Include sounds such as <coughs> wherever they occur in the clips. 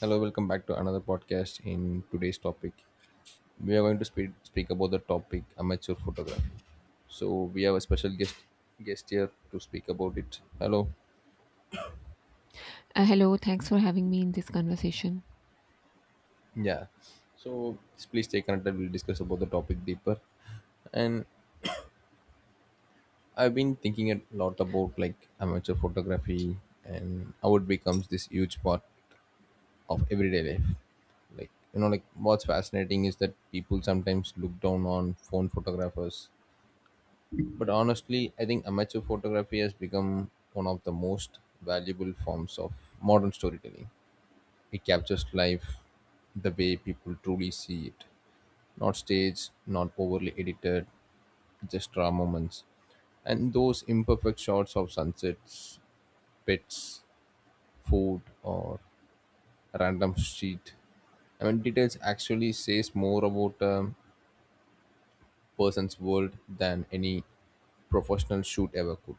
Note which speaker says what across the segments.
Speaker 1: Hello, welcome back to another podcast. In today's topic, we are going to speak about the topic amateur photography. So we have a special guest here to speak about it. Hello,
Speaker 2: Hello, thanks for having me in this conversation.
Speaker 1: yeah. So please stay connected. We'll discuss about the topic deeper. And I've been thinking a lot about like amateur photography and how it becomes this huge part of everyday life. Like you know, like what's fascinating is that people sometimes look down on phone photographers. But honestly, I think amateur photography has become one of the most valuable forms of modern storytelling. It captures life the way people truly see it, not staged, not overly edited, just raw moments. And those imperfect shots of sunsets, pets, food, or random street. I mean, details actually says more about a person's world than any professional shoot ever could.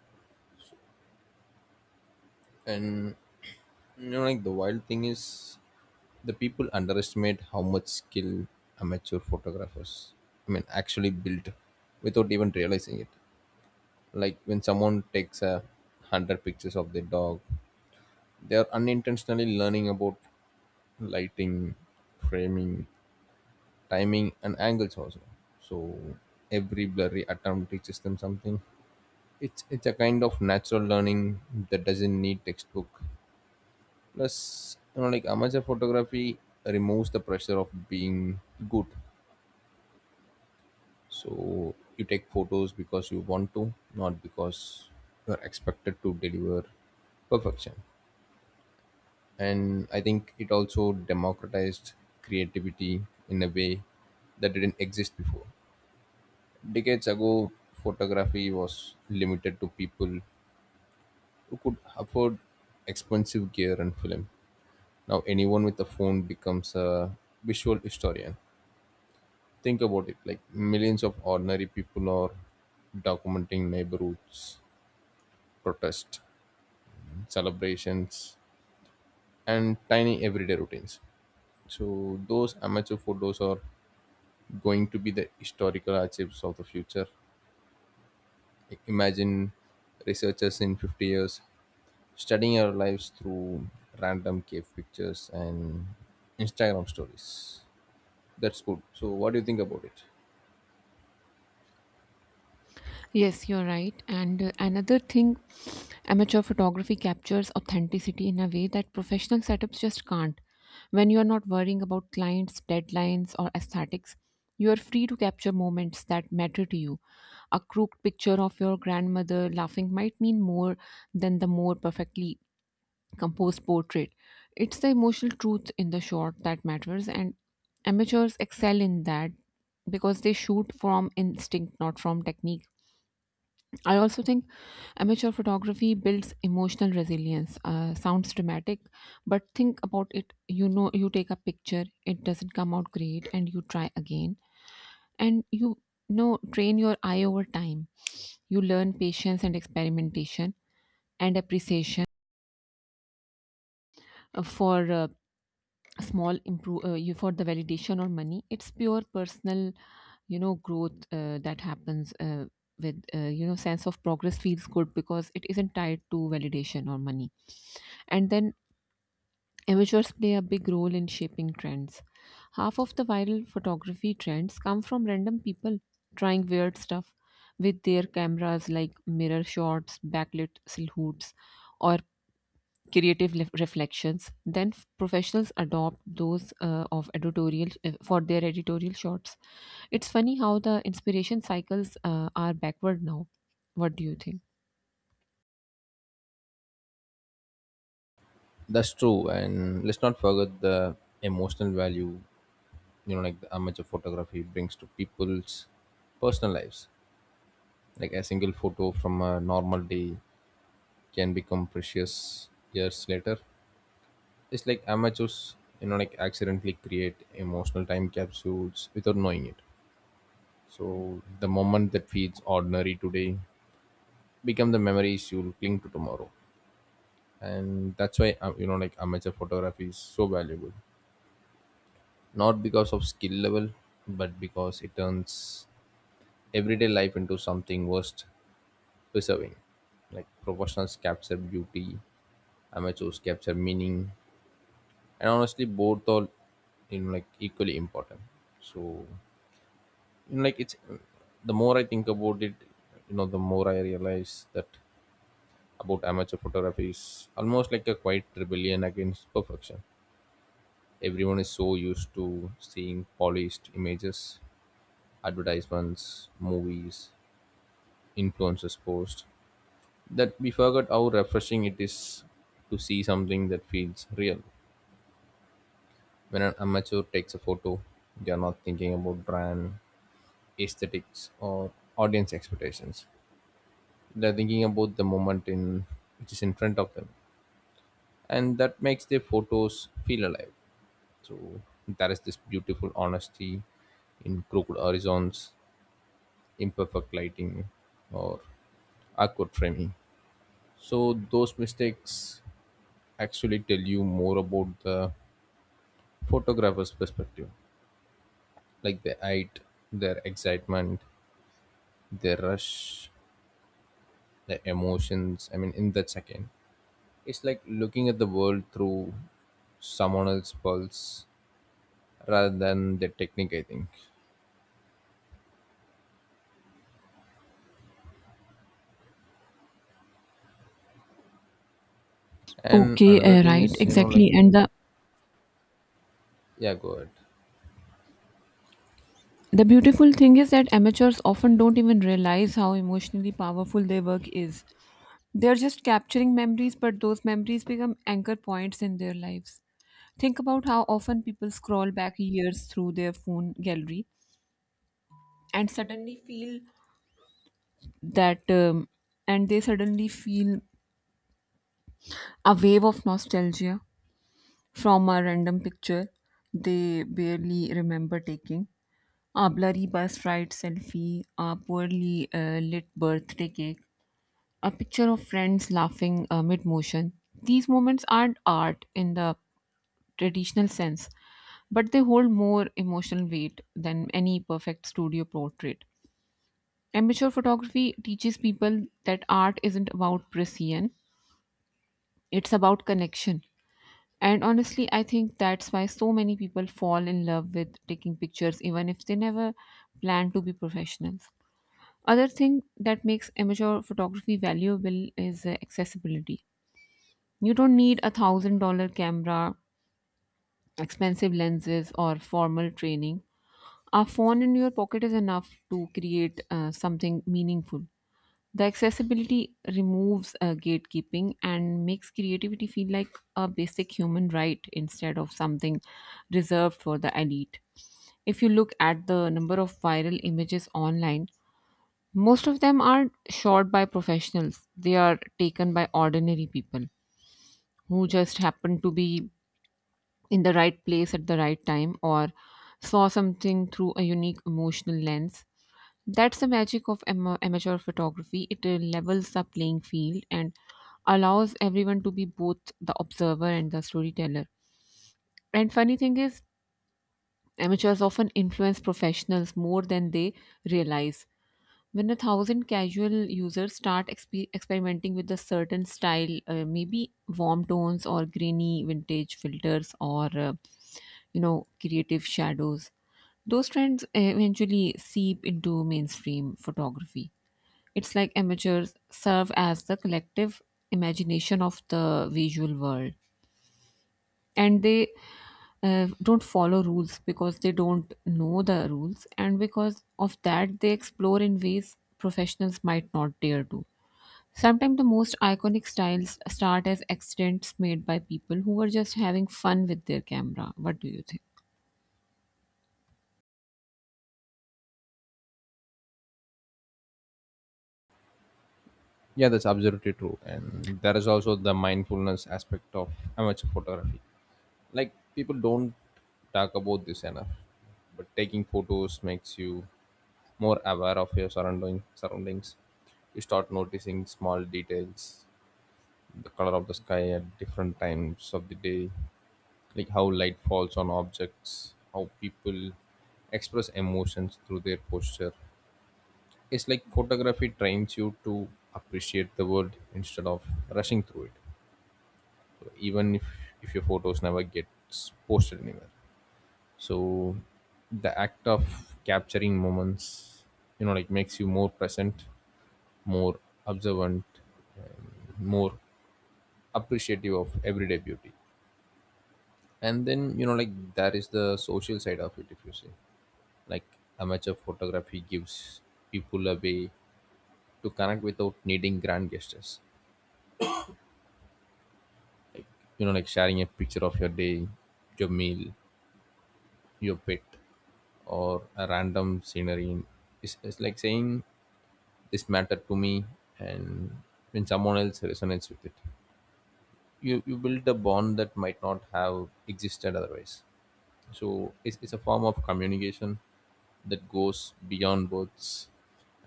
Speaker 1: And you know, like the wild thing is the people underestimate how much skill amateur photographers, I mean, actually build without even realizing it. Like when someone takes a hundred pictures of their dog, they are unintentionally learning about lighting, framing, timing, and angles also. So every blurry attempt teaches them something. It's a kind of natural learning that doesn't need textbook. Plus, you know, like amateur photography removes the pressure of being good. So you take photos because you want to, not because you are expected to deliver perfection. And I think it also democratized creativity in a way that didn't exist before. Decades ago, photography was limited to people who could afford expensive gear and film. Now, anyone with a phone becomes a visual historian. Think about it, like millions of ordinary people are documenting neighborhoods, protests, celebrations, and tiny everyday routines. So, those amateur photos are going to be the historical archives of the future. Imagine researchers in 50 years studying our lives through random cave pictures and Instagram stories. That's good. So, what do you think about it?
Speaker 2: Yes, you're right. And another thing, amateur photography captures authenticity in a way that professional setups just can't. When you are not worrying about clients, deadlines, or aesthetics, you are free to capture moments that matter to you. A crooked picture of your grandmother laughing might mean more than the more perfectly composed portrait. It's the emotional truth in the shot that matters, and amateurs excel in that because they shoot from instinct, not from technique. I also think amateur photography builds emotional resilience. Sounds dramatic, but think about it. You take a picture, it doesn't come out great, and you try again, and train your eye over time. You learn patience and experimentation and appreciation for small improve you for the validation or money, it's pure personal growth that happens with sense of progress feels good because it isn't tied to validation or money. And then amateurs play a big role in shaping trends. Half of the viral photography trends come from random people trying weird stuff with their cameras, like mirror shots, backlit silhouettes, or creative reflections. Then professionals adopt those of editorial for their editorial shots. It's funny how the inspiration cycles are backward now. What do you think?
Speaker 1: That's true, and let's not forget the emotional value, you know, like the amateur photography brings to people's personal lives, like a single photo from a normal day can become precious years later. It's like amateurs, you know, like accidentally create emotional time capsules without knowing it. So the moment that feels ordinary today become the memories you'll cling to tomorrow. And that's why, you know, like amateur photography is so valuable, not because of skill level, but because it turns everyday life into something worth preserving. Like professionals capture beauty, amateurs capture meaning, and honestly, both are, you know, like equally important. So you know, like it's the more I think about it, you know, the more I realize that about amateur photography is almost like a quiet rebellion against perfection. Everyone is so used to seeing polished images, advertisements, movies, influencers posts, that we forgot how refreshing it is to see something that feels real. When an amateur takes a photo, they are not thinking about brand aesthetics or audience expectations. They're thinking about the moment in which is in front of them, and that makes their photos feel alive. So there is this beautiful honesty in crooked horizons, imperfect lighting, or awkward framing. So those mistakes actually tell you more about the photographer's perspective. Like the height, their excitement, their rush, their emotions. I mean, in that second, it's like looking at the world through someone else's pulse rather than the technique, I think. And
Speaker 2: Okay,
Speaker 1: another thing
Speaker 2: right,
Speaker 1: is, you know, like,
Speaker 2: exactly. And the
Speaker 1: yeah, go ahead.
Speaker 2: the beautiful thing is that amateurs often don't even realize how emotionally powerful their work is. They're just capturing memories, but those memories become anchor points in their lives. Think about how often people scroll back years through their phone gallery and suddenly feel that and they suddenly feel a wave of nostalgia from a random picture they barely remember taking, a blurry bus ride selfie, a poorly lit birthday cake, a picture of friends laughing mid motion. These moments aren't art in the traditional sense, but they hold more emotional weight than any perfect studio portrait. Amateur photography teaches people that art isn't about precision, it's about connection. And honestly, I think that's why so many people fall in love with taking pictures even if they never plan to be professionals. Other thing that makes amateur photography valuable is accessibility. You don't need $1,000 camera, expensive lenses, or formal training. A phone in your pocket is enough to create something meaningful. The accessibility removes gatekeeping and makes creativity feel like a basic human right instead of something reserved for the elite. If you look at the number of viral images online, most of them are shot by professionals. They are taken by ordinary people who just happen to be in the right place at the right time or saw something through a unique emotional lens. That's the magic of amateur photography. It levels the playing field and allows everyone to be both the observer and the storyteller. And funny thing is, amateurs often influence professionals more than they realize. When a thousand casual users start experimenting with a certain style, maybe warm tones or grainy vintage filters or creative shadows, those trends eventually seep into mainstream photography. It's like amateurs serve as the collective imagination of the visual world, and they don't follow rules because they don't know the rules, and because of that, they explore in ways professionals might not dare to. Sometimes the most iconic styles start as accidents made by people who were just having fun with their camera. What do you think?
Speaker 1: Yeah, that's absolutely true. And there is also the mindfulness aspect of amateur photography. Like, people don't talk about this enough, but taking photos makes you more aware of your surroundings. You start noticing small details, the color of the sky at different times of the day, like how light falls on objects, how people express emotions through their posture. It's like photography trains you to appreciate the world instead of rushing through it. So even if your photos never gets posted anywhere, so the act of capturing moments, you know, like makes you more present, more observant, more appreciative of everyday beauty. And then, you know, like that is the social side of it, if you say. Like amateur photography gives people a way to connect without needing grand gestures. You know, like sharing a picture of your day, your meal, your pet, or a random scenery. It's like saying this mattered to me, and when someone else resonates with it. You build a bond that might not have existed otherwise. So it's a form of communication that goes beyond words,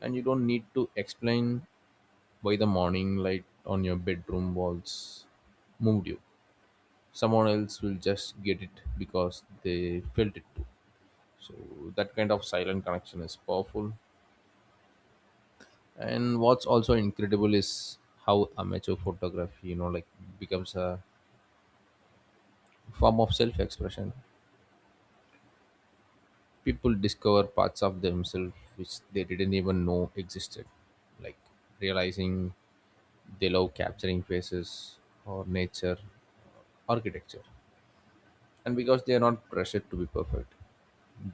Speaker 1: and you don't need to explain why the morning light on your bedroom walls moved you. Someone else will just get it because they felt it too. So that kind of silent connection is powerful. And what's also incredible is how amateur photography, you know, like becomes a form of self-expression. People discover parts of themselves which they didn't even know existed, like realizing they love capturing faces, or nature, architecture. And because they are not pressured to be perfect,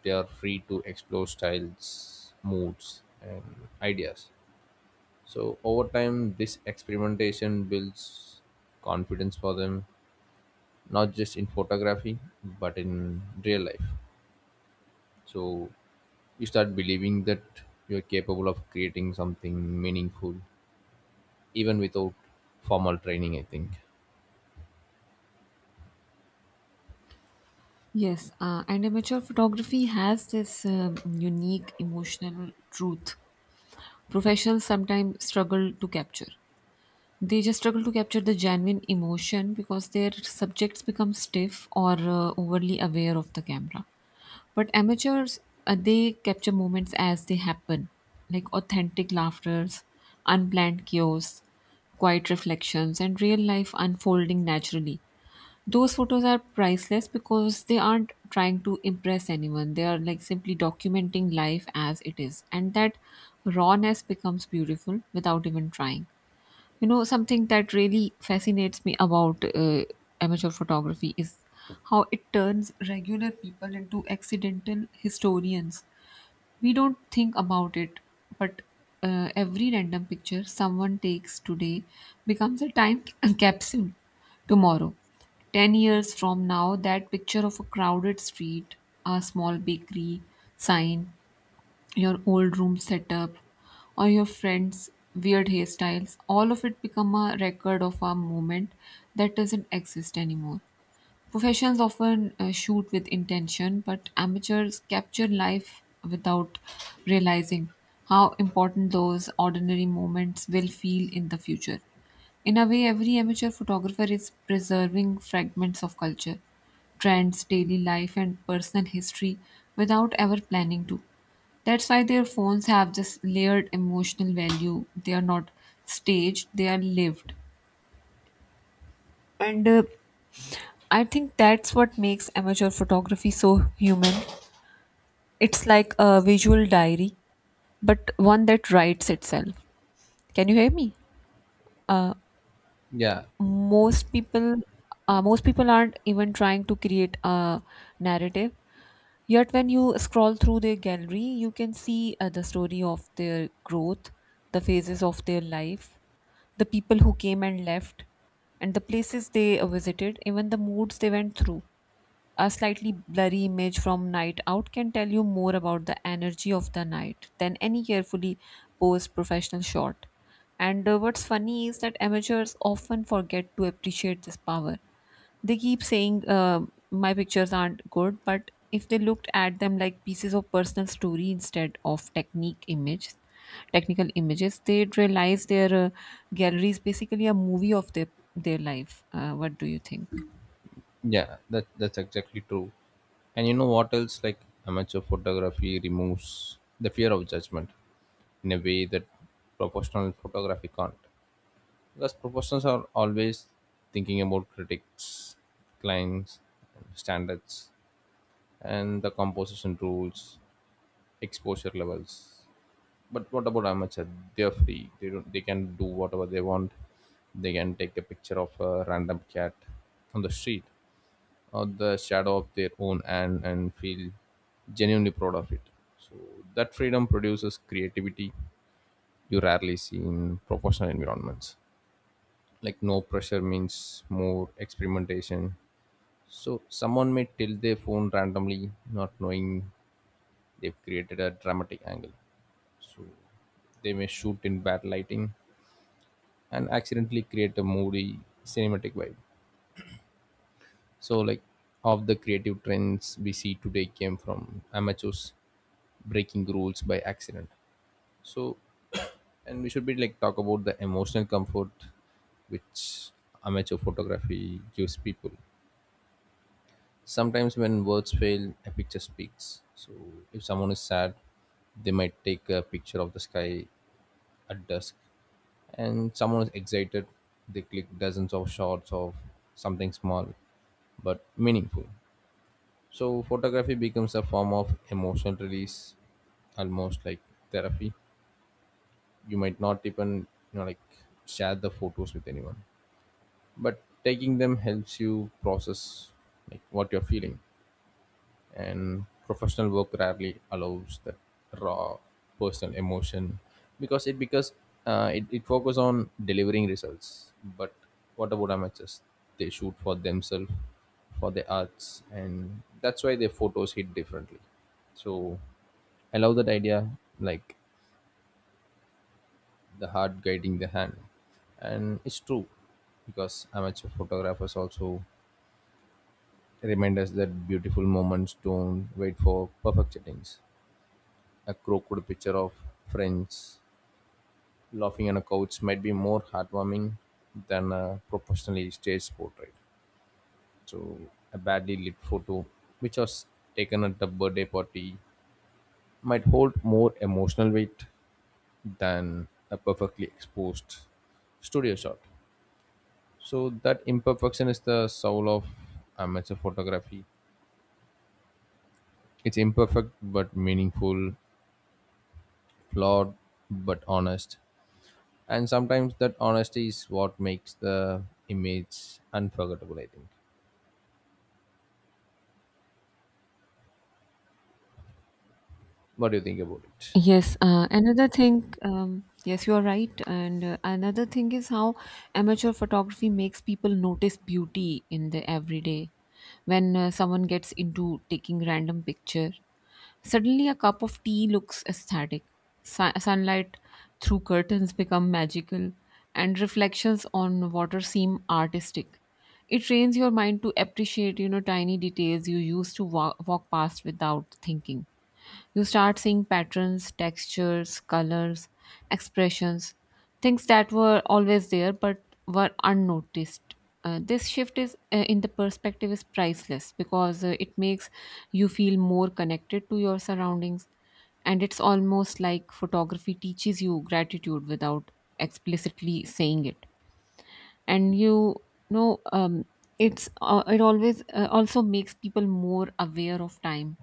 Speaker 1: they are free to explore styles, moods, and ideas. So over time this experimentation builds confidence for them, not just in photography, but in real life. So you start believing that you're capable of creating something meaningful even without formal training, I think.
Speaker 2: Yes, and amateur photography has this unique emotional truth professionals sometimes struggle to capture. They just struggle to capture the genuine emotion because their subjects become stiff or overly aware of the camera. But amateurs, they capture moments as they happen, like authentic laughters, unplanned chaos, quiet reflections, and real life unfolding naturally. Those photos are priceless because they aren't trying to impress anyone. They are like simply documenting life as it is. And that rawness becomes beautiful without even trying. You know, something that really fascinates me about amateur photography is how it turns regular people into accidental historians. We don't think about it, but every random picture someone takes today becomes a time <laughs> capsule tomorrow. 10 years from now, that picture of a crowded street, a small bakery sign, your old room setup, or your friends weird hairstyles, all of it become a record of a moment that doesn't exist anymore. Professionals often shoot with intention, but amateurs capture life without realizing how important those ordinary moments will feel in the future. In a way, every amateur photographer is preserving fragments of culture, trends, daily life, and personal history without ever planning to. That's why their phones have this layered emotional value. They are not staged, they are lived. And I think that's what makes amateur photography so human. It's like a visual diary, but one that writes itself. Can you hear me? Uh,
Speaker 1: Yeah,
Speaker 2: most people, most people aren't even trying to create a narrative. Yet, when you scroll through their gallery, you can see the story of their growth, the phases of their life, the people who came and left, and the places they visited, even the moods they went through. A slightly blurry image from Night Out can tell you more about the energy of the night than any carefully posed professional shot. And what's funny is that amateurs often forget to appreciate this power. They keep saying my pictures aren't good, but if they looked at them like pieces of personal story instead of technique image, technical images, they'd realize their gallery is basically a movie of their life. What do you think?
Speaker 1: that's exactly true. And you know what else, like amateur photography removes the fear of judgment in a way that professional photography can't, because professionals are always thinking about critics, clients, standards, and the composition rules, exposure levels. But what about amateur? They are free. They don't. They can do whatever they want. They can take a picture of a random cat on the street or the shadow of their own, and feel genuinely proud of it. So that freedom produces creativity you rarely see in professional environments. Like no pressure means more experimentation. So someone may tilt their phone randomly, not knowing they've created a dramatic angle. So they may shoot in bad lighting and accidentally create a moody cinematic vibe. So like half the creative trends we see today came from amateurs breaking rules by accident. So <coughs> and we should be like talk about the emotional comfort which amateur photography gives people. Sometimes when words fail, a picture speaks. So if someone is sad, they might take a picture of the sky at dusk, and someone is excited, they click dozens of shots of something small but meaningful. So photography becomes a form of emotional release, almost like therapy. You might not even, you know, like share the photos with anyone, but taking them helps you process like what you're feeling. And professional work rarely allows that raw personal emotion because it it focuses on delivering results. But what about amateurs? They shoot for themselves, for their arts, and that's why their photos hit differently. So I love that idea, like the heart guiding the hand. And it's true, because amateur photographers also remind us that beautiful moments don't wait for perfect settings. A crooked picture of friends laughing on a couch might be more heartwarming than a professionally staged portrait. So, a badly lit photo, which was taken at a birthday party, might hold more emotional weight than a perfectly exposed studio shot. So, that imperfection is the soul of amateur photography. It's imperfect but meaningful, flawed but honest. And sometimes that honesty is what makes the image unforgettable, I think. What do you think about it?
Speaker 2: Yes, you are right. And another thing is how amateur photography makes people notice beauty in the everyday. When someone gets into taking random picture, suddenly a cup of tea looks ecstatic. Sunlight through curtains become magical, and reflections on water seem artistic. It trains your mind to appreciate, you know, tiny details you used to walk past without thinking. You start seeing patterns, textures, colors, expressions, things that were always there but were unnoticed. This shift is in the perspective is priceless because it makes you feel more connected to your surroundings, and it's almost like photography teaches you gratitude without explicitly saying it. And know um, it's it always also makes people more aware of time.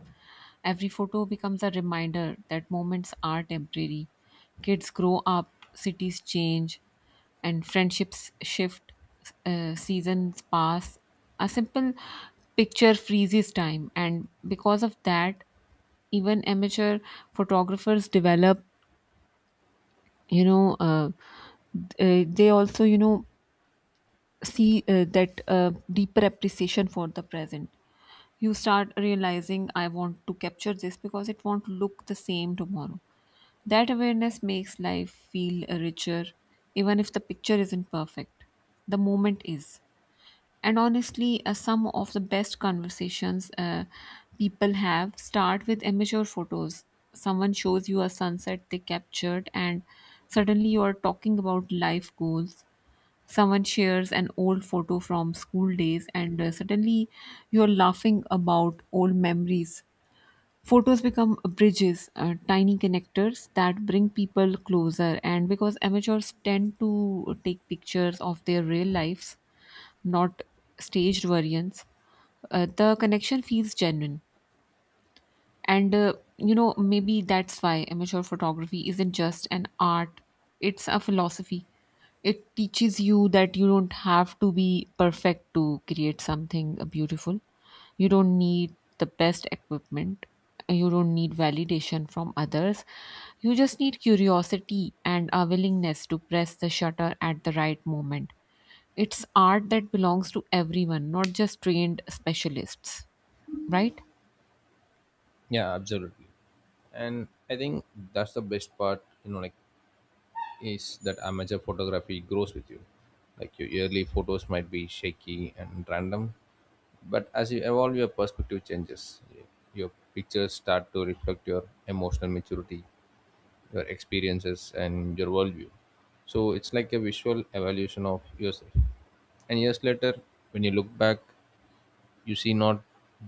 Speaker 2: Every photo becomes a reminder that moments are temporary. Kids grow up, cities change, and friendships shift, seasons pass. A simple picture freezes time, and because of that, even amateur photographers develop, you know they also see that deeper appreciation for the present. You start realizing, I want to capture this because it won't look the same tomorrow. That awareness makes life feel richer. Even if the picture isn't perfect, the moment is. And honestly, some of the best conversations people have start with amateur photos. Someone shows you a sunset they captured and suddenly you are talking about life goals. Someone shares an old photo from school days and suddenly you're laughing about old memories. Photos become bridges, tiny connectors that bring people closer. And because amateurs tend to take pictures of their real lives, not staged versions, the connection feels genuine. And maybe that's why amateur photography isn't just an art, it's a philosophy. It teaches you that you don't have to be perfect to create something beautiful. You don't need the best equipment, you don't need validation from others, you just need curiosity and a willingness to press the shutter at the right moment. It's art that belongs to everyone, not just trained specialists, right?
Speaker 1: Yeah, absolutely. And I think that's the best part, you know, like is that amateur photography grows with you. Like your early photos might be shaky and random, but as you evolve your perspective changes, your pictures start to reflect your emotional maturity, your experiences, and your worldview. So it's like a visual evaluation of yourself. And years later, when you look back, you see not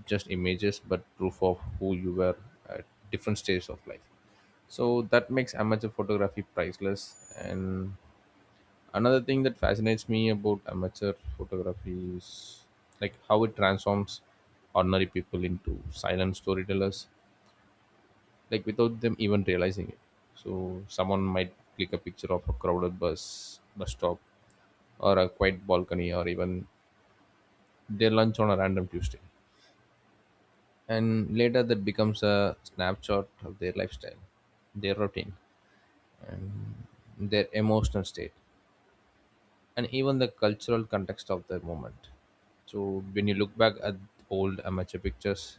Speaker 1: just images but proof of who you were at different stages of life. So that makes amateur photography priceless. And another thing that fascinates me about amateur photography is like how it transforms ordinary people into silent storytellers, like without them even realizing it. So someone might click a picture of a crowded bus stop or a quiet balcony or even their lunch on a random Tuesday. And later that becomes a snapshot of their lifestyle, their routine, their emotional state, and even the cultural context of the moment. So when you look back at old amateur pictures,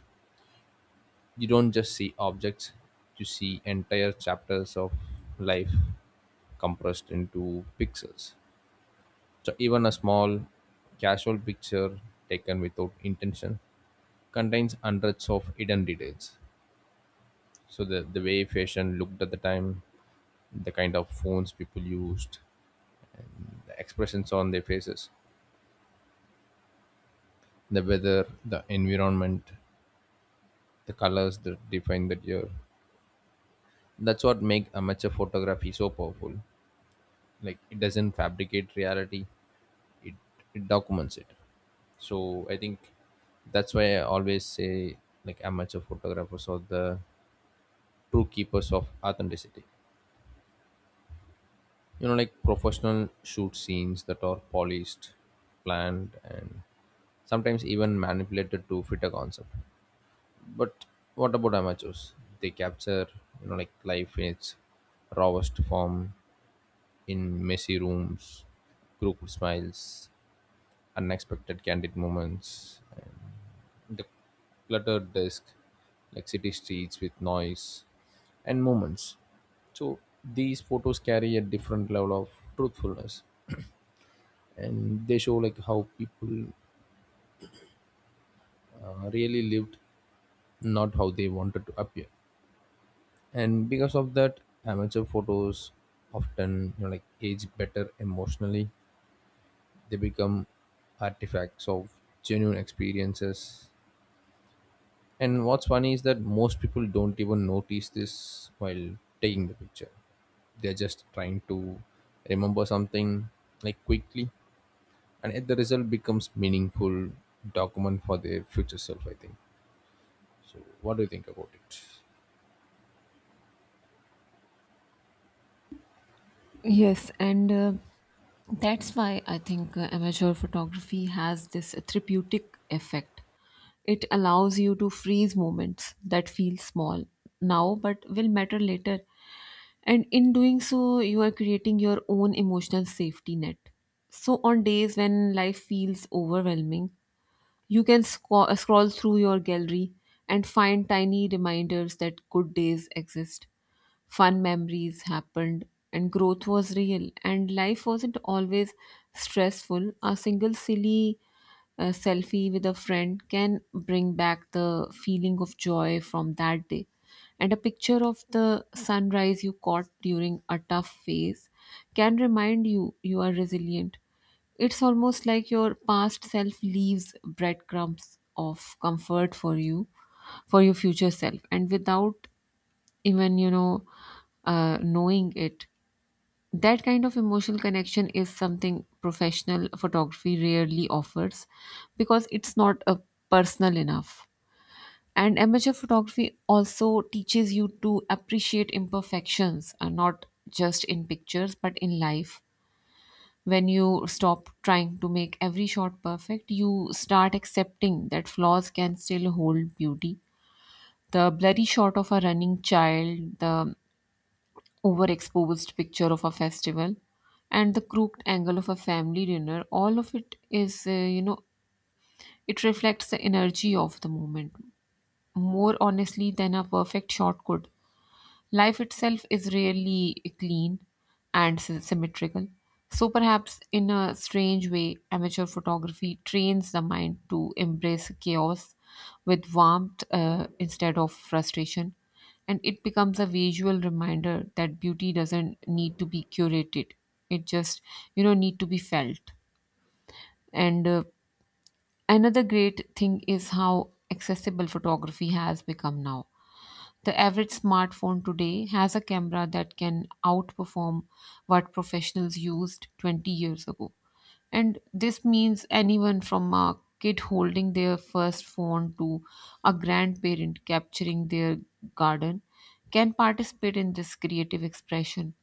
Speaker 1: you don't just see objects, you see entire chapters of life compressed into pixels. So even a small, casual picture taken without intention contains hundreds of hidden details. So the way fashion looked at the time, the kind of phones people used, the expressions on their faces, the weather, the environment, the colors that define that year. That's what make amateur photography so powerful. Like it doesn't fabricate reality. it, it documents it. So I think that's why I always say, like amateur photographers are the true keepers of authenticity. You know, like professional shoot scenes that are polished, planned, and sometimes even manipulated to fit a concept. But what about amateurs? They capture, you know, like life in its rawest form, in messy rooms, crooked smiles, unexpected candid moments, the cluttered desk, like city streets with noise and moments. So these photos carry a different level of truthfulness, and they show like how people really lived, not how they wanted to appear. And because of that, amateur photos often, you know, like age better emotionally. They become artifacts of genuine experiences. And what's funny is that most people don't even notice this while taking the picture. They're just trying to remember something like quickly, and the result becomes meaningful document for their future self. I think. So, what do you think about it?
Speaker 2: Yes, and that's why I think amateur photography has this therapeutic effect. It allows you to freeze moments that feel small now but will matter later. And in doing so, you are creating your own emotional safety net. So on days when life feels overwhelming, you can scroll through your gallery and find tiny reminders that good days exist. Fun memories happened, and growth was real, and life wasn't always stressful. A single silly a selfie with a friend can bring back the feeling of joy from that day. And a picture of the sunrise you caught during a tough phase can remind you you are resilient. It's almost like your past self leaves breadcrumbs of comfort for you, for your future self. And without even, knowing it, that kind of emotional connection is something professional photography rarely offers because it's not a personal enough. And amateur photography also teaches you to appreciate imperfections, not just in pictures but in life. When you stop trying to make every shot perfect, you start accepting that flaws can still hold beauty. The blurry shot of a running child, the overexposed picture of a festival, and the crooked angle of a family dinner, all of it is you know it reflects the energy of the moment more honestly than a perfect shot could. Life itself is really clean and symmetrical. So perhaps in a strange way, amateur photography trains the mind to embrace chaos with warmth instead of frustration. And it becomes a visual reminder that beauty doesn't need to be curated, it just, need to be felt. And another great thing is how accessible photography has become now. The average smartphone today has a camera that can outperform what professionals used 20 years ago. And this means anyone from a kid holding their first phone to a grandparent capturing their garden can participate in this creative expression.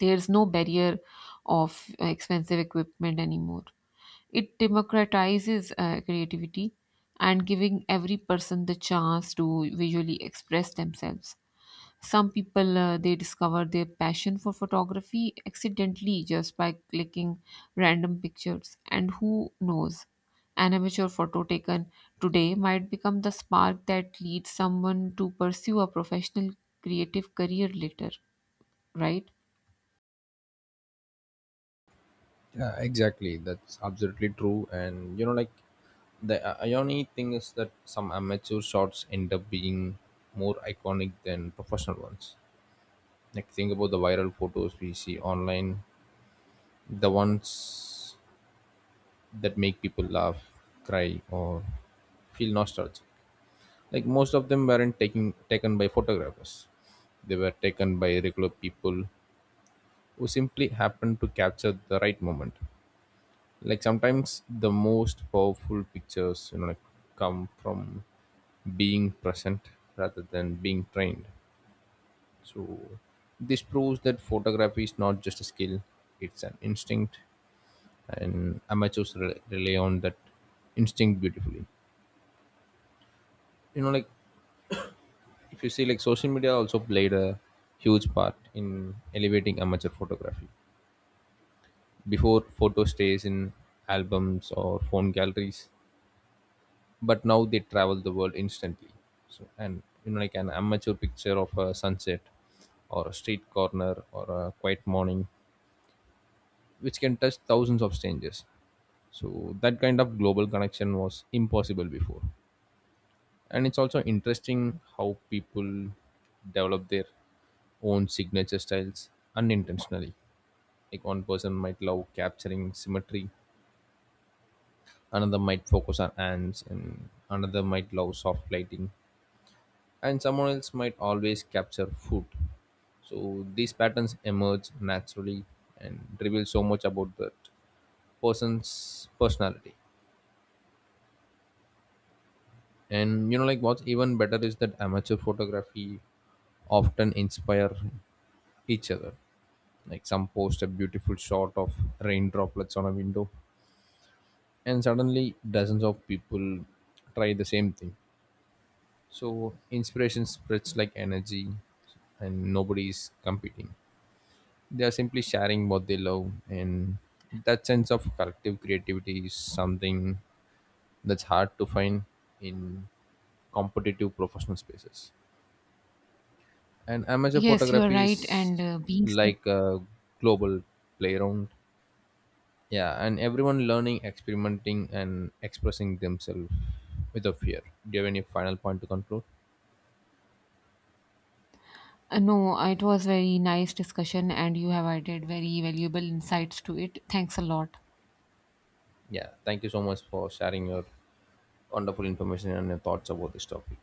Speaker 2: There's no barrier of expensive equipment anymore. It democratizes creativity and giving every person the chance to visually express themselves. Some people they discover their passion for photography accidentally just by clicking random pictures, and who knows? An amateur photo taken today might become the spark that leads someone to pursue a professional creative career later, right?
Speaker 1: Yeah, exactly. That's absolutely true. And you know, like the irony thing is that some amateur shots end up being more iconic than professional ones. Like think about the viral photos we see online, the ones that make people laugh, cry, or feel nostalgic. Like most of them weren't taking taken by photographers. They were taken by regular people who simply happened to capture the right moment. Like sometimes the most powerful pictures, you know, like come from being present rather than being trained. So this proves that photography is not just a skill, it's an instinct. And amateurs rely on that instinct beautifully. You know, like if you see, like social media also played a huge part in elevating amateur photography. Before photo stays in albums or phone galleries, but now they travel the world instantly. So, and you know like an amateur picture of a sunset or a street corner or a quiet morning, which can touch thousands of strangers. So that kind of global connection was impossible before. And it's also interesting how people develop their own signature styles unintentionally. Like one person might love capturing symmetry, another might focus on ants, and another might love soft lighting, and someone else might always capture food. So these patterns emerge naturally and reveal so much about that person's personality. And you know, like what's even better is that amateur photography often inspire each other. Like some post a beautiful shot of rain droplets on a window, and suddenly dozens of people try the same thing. So inspiration spreads like energy, and nobody is competing. They are simply sharing what they love, and that sense of collective creativity is something that's hard to find in competitive professional spaces. And amateur
Speaker 2: Yes, you are
Speaker 1: photography
Speaker 2: right. And
Speaker 1: is
Speaker 2: being said,
Speaker 1: like a global playground. Yeah, and everyone learning, experimenting, and expressing themselves without fear. Do you have any final point to conclude?
Speaker 2: no, it was very nice discussion, and you have added very valuable insights to it. Thanks a lot.
Speaker 1: Yeah, thank you so much for sharing your wonderful information and your thoughts about this topic.